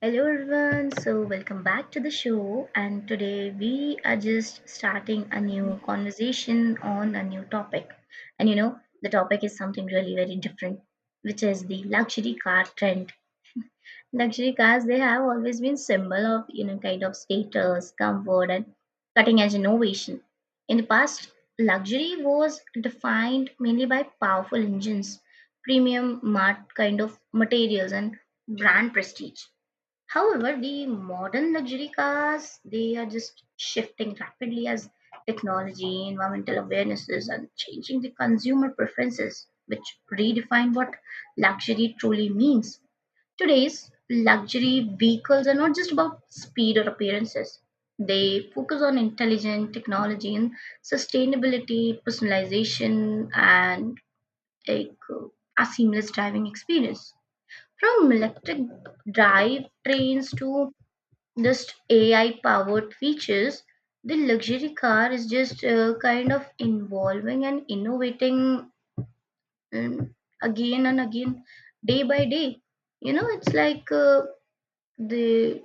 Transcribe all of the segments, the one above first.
Hello everyone, so welcome back to the show. And today we are just starting a new conversation on a new topic. And you know, the topic is something really very different, which is the luxury car trend. Luxury cars, they have always been symbol of, you know, kind of status, comfort, and cutting edge innovation. In the past, luxury was defined mainly by powerful engines, premium mart kind of materials, and brand prestige. However, the modern luxury cars they are just shifting rapidly as technology, environmental awarenesses, and changing the consumer preferences, which redefine what luxury truly means. Today's luxury vehicles are not just about speed or appearances. They focus on intelligent technology and sustainability, personalization, and like, uh, a seamless driving experience. From electric drive trains to just AI powered features, the luxury car is just kind of evolving and innovating um, again and again, day by day. You know, it's like the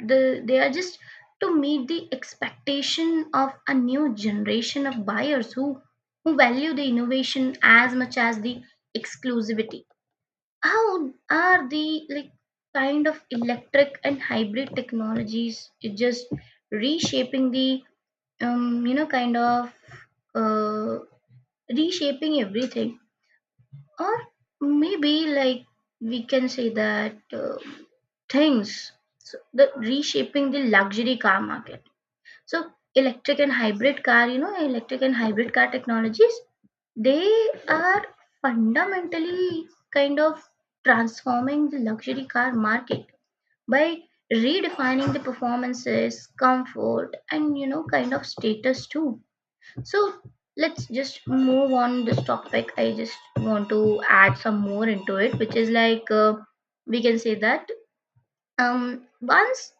the they are just to meet the expectation of a new generation of buyers who value the innovation as much as the exclusivity. How are the like kind of electric and hybrid technologies just reshaping the um, you know kind of uh, reshaping everything, or maybe like we can say that things, so the reshaping the luxury car market. So electric and hybrid car, you know, electric and hybrid car technologies, they are fundamentally kind of transforming the luxury car market by redefining the performances, comfort, and you know kind of status too. So let's just move on this topic. I just want to add some more into it, which is like we can say that once,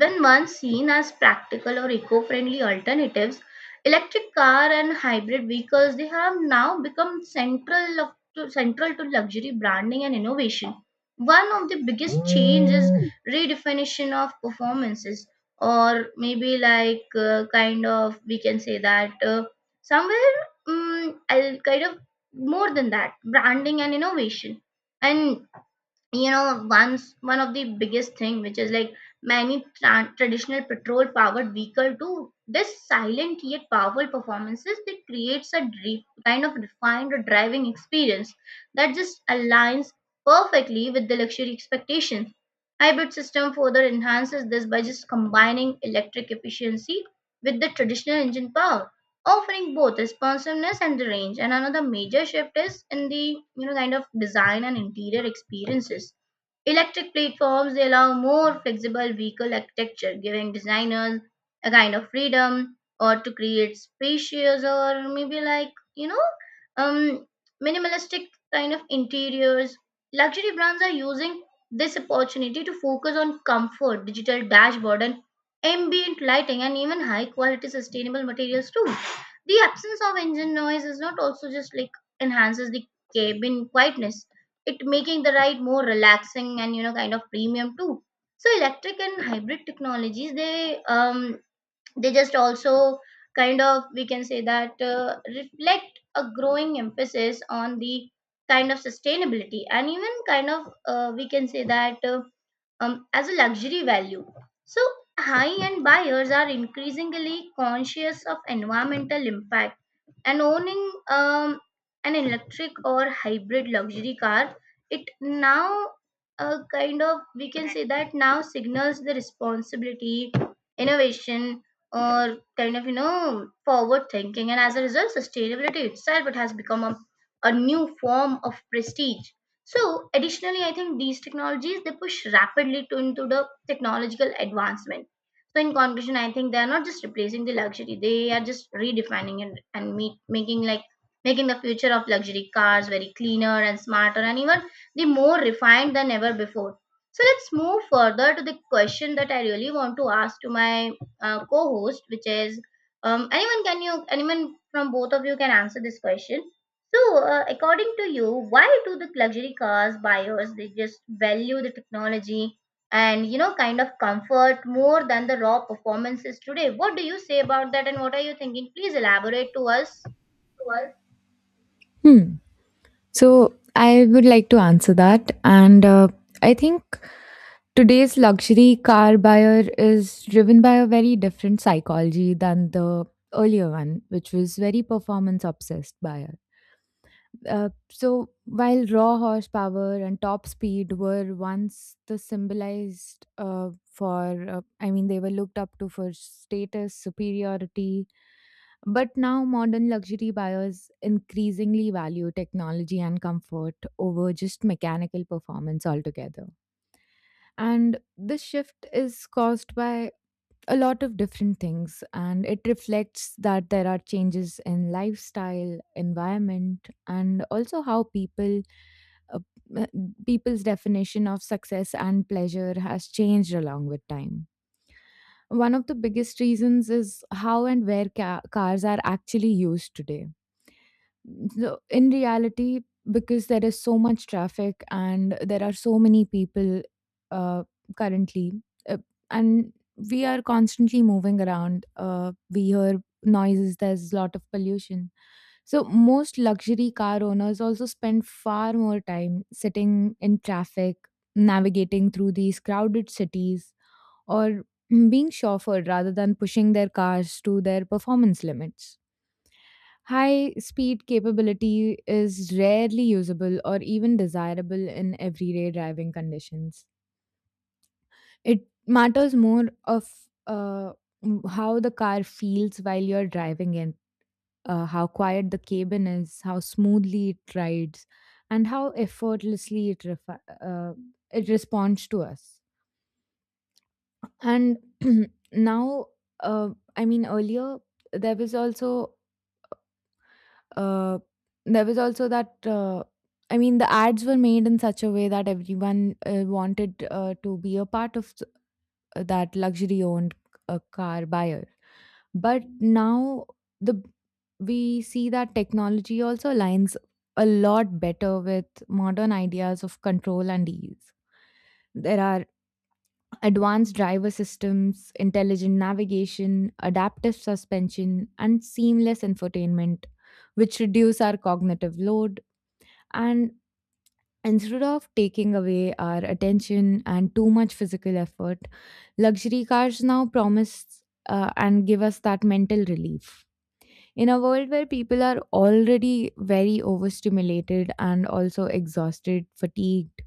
when once seen as practical or eco-friendly alternatives, electric car and hybrid vehicles they have now become central of, to, central to luxury branding and innovation. One of the biggest changes, redefinition of performances, or maybe like kind of we can say that somewhere I'll kind of more than that branding and innovation. And you know, one of the biggest thing, which is like many traditional petrol powered vehicle do this silent yet powerful performances that creates a deep kind of refined driving experience that just aligns perfectly with the luxury expectations. Hybrid system further enhances this by just combining electric efficiency with the traditional engine power, offering both responsiveness and the range. And another major shift is in the you know kind of design and interior experiences. Electric platforms allow more flexible vehicle architecture, giving designers a kind of freedom or to create spacious, or maybe like, you know, um, minimalistic kind of interiors. Luxury brands are using this opportunity to focus on comfort, digital dashboard, and ambient lighting, and even high quality sustainable materials too. The absence of engine noise is not also just like enhances the cabin quietness, it making the ride more relaxing and you know kind of premium too. So electric and hybrid technologies, they just also kind of we can say that reflect a growing emphasis on the kind of sustainability, and even kind of we can say that as a luxury value. So, high end buyers are increasingly conscious of environmental impact, and owning um, an electric or hybrid luxury car, it now kind of we can say that now signals the responsibility, innovation, or kind of you know forward thinking. And as a result, sustainability itself, it has become a new form of prestige. So additionally, I think these technologies they push rapidly to, into the technological advancement. So in conclusion, I think they are not just replacing the luxury; they are just redefining it and making like making the future of luxury cars very cleaner and smarter, and even the more refined than ever before. So let's move further to the question that I really want to ask to my co-host, which is, anyone, can you, anyone from both of you can answer this question. So, according to you, why do the luxury cars buyers they just value the technology and you know kind of comfort more than the raw performances today? What do you say about that, and what are you thinking? Please elaborate to us. Hmm. So I would like to answer that. And I think today's luxury car buyer is driven by a very different psychology than the earlier one, which was very performance obsessed buyer. So while raw horsepower and top speed were once the symbolized for I mean they were looked up to for status superiority, but now modern luxury buyers increasingly value technology and comfort over just mechanical performance altogether. And this shift is caused by a lot of different things, and it reflects that there are changes in lifestyle environment and also how uh, uh, people's definition of success and pleasure has changed along with time. One of the biggest reasons is how and where cars are actually used today. So in reality, because there is so much traffic and there are so many people uh, currently, uh, and we are constantly moving around. We hear noises. There's a lot of pollution. So most luxury car owners also spend far more time sitting in traffic, navigating through these crowded cities, or being chauffeured rather than pushing their cars to their performance limits. High speed capability is rarely usable or even desirable in everyday driving conditions. It matters more of uh, how the car feels while you're driving it, how quiet the cabin is, how smoothly it rides, and how effortlessly it responds to us. And now, uh, I mean, earlier there was Uh, also that I mean, the ads were made in such a way that everyone wanted to be a part of that luxury-owned car buyer. But now the we see that technology also aligns a lot better with modern ideas of control and ease. There are advanced driver systems, intelligent navigation, adaptive suspension, and seamless infotainment, which reduce our cognitive load. And instead of taking away our attention and too much physical effort, luxury cars now promise and give us that mental relief. In a world where people are already very overstimulated and also exhausted, fatigued,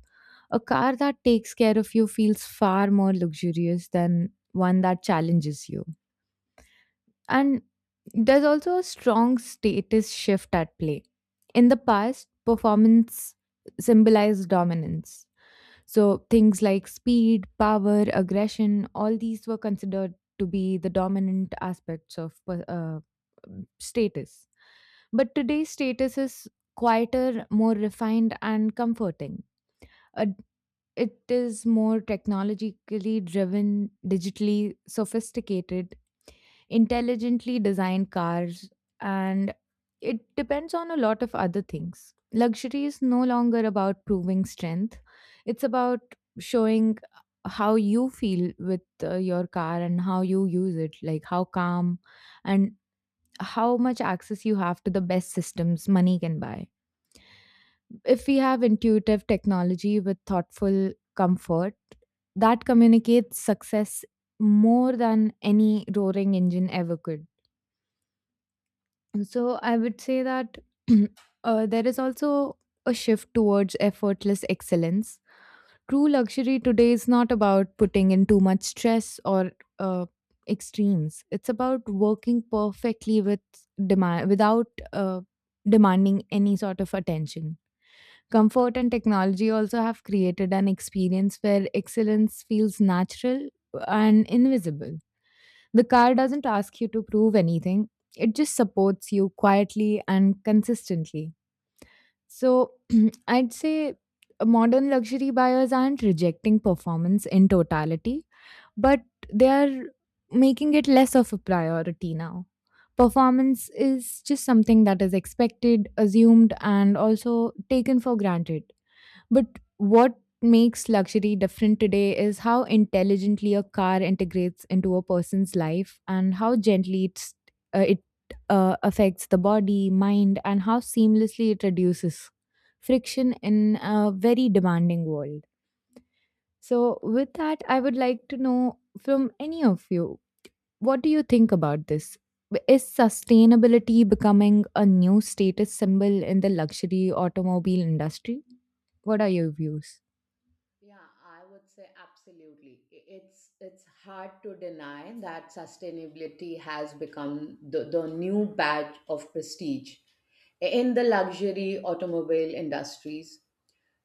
a car that takes care of you feels far more luxurious than one that challenges you. And there's also a strong status shift at play. In the past, performance symbolized dominance, so things like speed, power, aggression, all these were considered to be the dominant aspects of status. But today's status is quieter, more refined, and comforting. Uh, it is more technologically driven, digitally sophisticated, intelligently designed cars, and it depends on a lot of other things. Luxury is no longer about proving strength, it's about showing how you feel with your car and how you use it, like how calm and how much access you have to the best systems money can buy. If we have intuitive technology with thoughtful comfort, that communicates success more than any roaring engine ever could. So I would say that there is also a shift towards effortless excellence. True luxury today is not about putting in too much stress or uh, extremes. It's about working perfectly with demand without uh, demanding any sort of attention. Comfort and technology also have created an experience where excellence feels natural and invisible. The car doesn't ask you to prove anything, it just supports you quietly and consistently. So, I'd say modern luxury buyers aren't rejecting performance in totality, but they are making it less of a priority now. Performance is just something that is expected, assumed, and also taken for granted. But what makes luxury different today is how intelligently a car integrates into a person's life and how gently it affects the body, mind, and how seamlessly it reduces friction in a very demanding world. So, with that, I would like to know from any of you, what do you think about this? Is sustainability becoming a new status symbol in the luxury automobile industry? What are your views? Yeah, I would say absolutely. It's hard to deny that sustainability has become the new badge of prestige in the luxury automobile industries.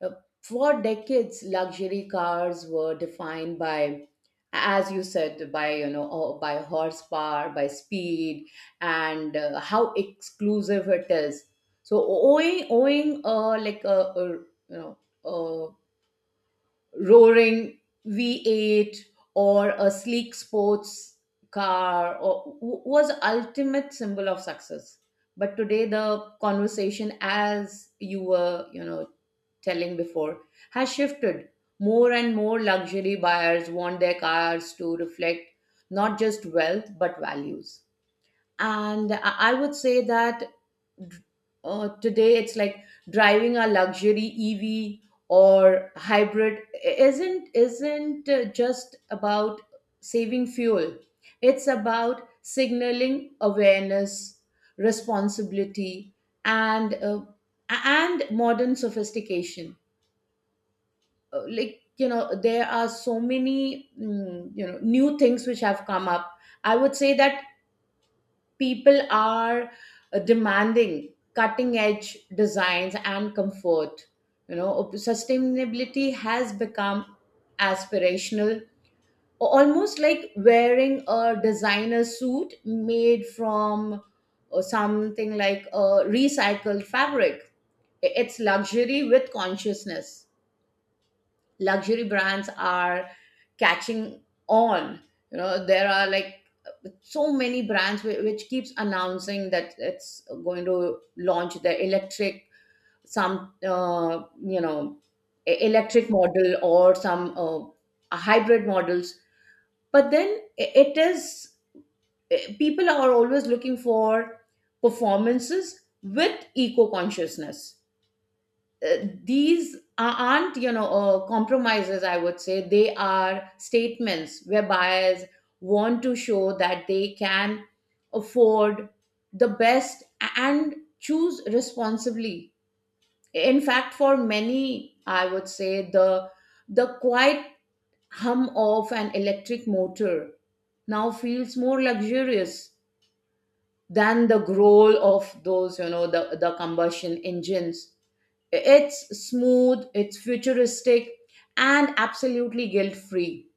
Uh, For decades, luxury cars were defined by, as you said, by by horsepower, by speed, and how exclusive it is. So owing like a you know. A roaring V8 or a sleek sports car was ultimate symbol of success. But today the conversation, as you were, telling before, has shifted. More and more luxury buyers want their cars to reflect not just wealth but values. And I would say that today it's like driving a luxury EV or hybrid isn't just about saving fuel. It's about signaling awareness, responsibility, and and modern sophistication. There are so many new things which have come up. I would say that people are demanding cutting edge designs and comfort. Sustainability has become aspirational, almost like wearing a designer suit made from something like a recycled fabric. It's luxury with consciousness. Luxury brands are catching on. You know, there are like so many brands which keeps announcing that it's going to launch the electric, some electric model, or some hybrid models. But then it is, people are always looking for performances with eco consciousness. uh, these aren't, compromises. I would say they are statements where buyers want to show that they can afford the best and choose responsibly. In fact, for many, I would say the quiet hum of an electric motor now feels more luxurious than the growl of those, the combustion engines. It's smooth, it's futuristic, and absolutely guilt free.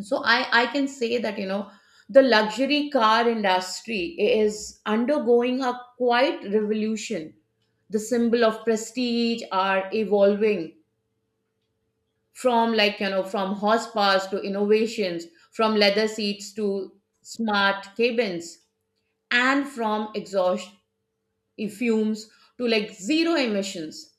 So I can say that, you know, the luxury car industry is undergoing a quite revolution. The symbol of prestige are evolving from, like, you know, from horsepowers to innovations, from leather seats to smart cabins, and from exhaust fumes to, like, zero emissions.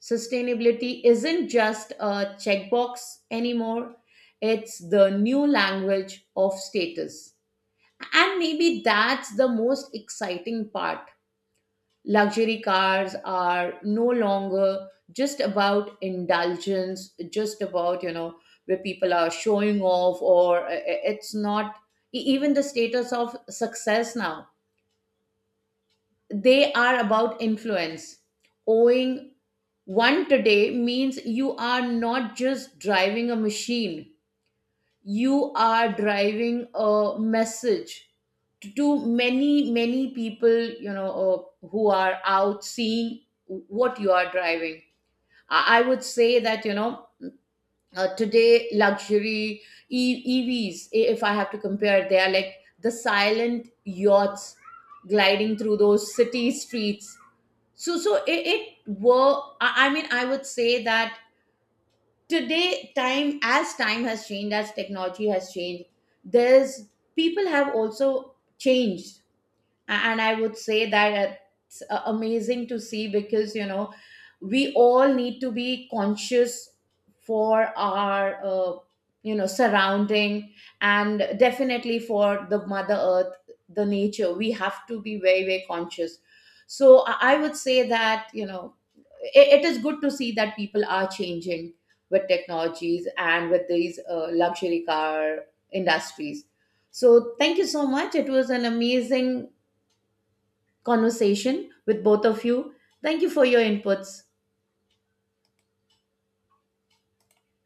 Sustainability isn't just a checkbox anymore, it's the new language of status. And maybe that's the most exciting part. Luxury cars are no longer just about indulgence, just about, you know, where people are showing off, or it's not even the status of success now, they are about influence. Owing one today means you are not just driving a machine, you are driving a message to, many, many people, you know, who are out seeing what you are driving. I would say that, you know, today luxury EVs, if I have to compare, they are like the silent yachts gliding through those city streets. So so I mean, I would say that today time, as time has changed, as technology has changed, there's, people have also changed. And I would say that it's amazing to see, because you know, we all need to be conscious for our surrounding, and definitely for the mother earth, the nature, we have to be very very conscious. So I would say that you know, it is good to see that people are changing with technologies and with these luxury car industries. So thank you so much, it was an amazing conversation with both of you. Thank you for your inputs.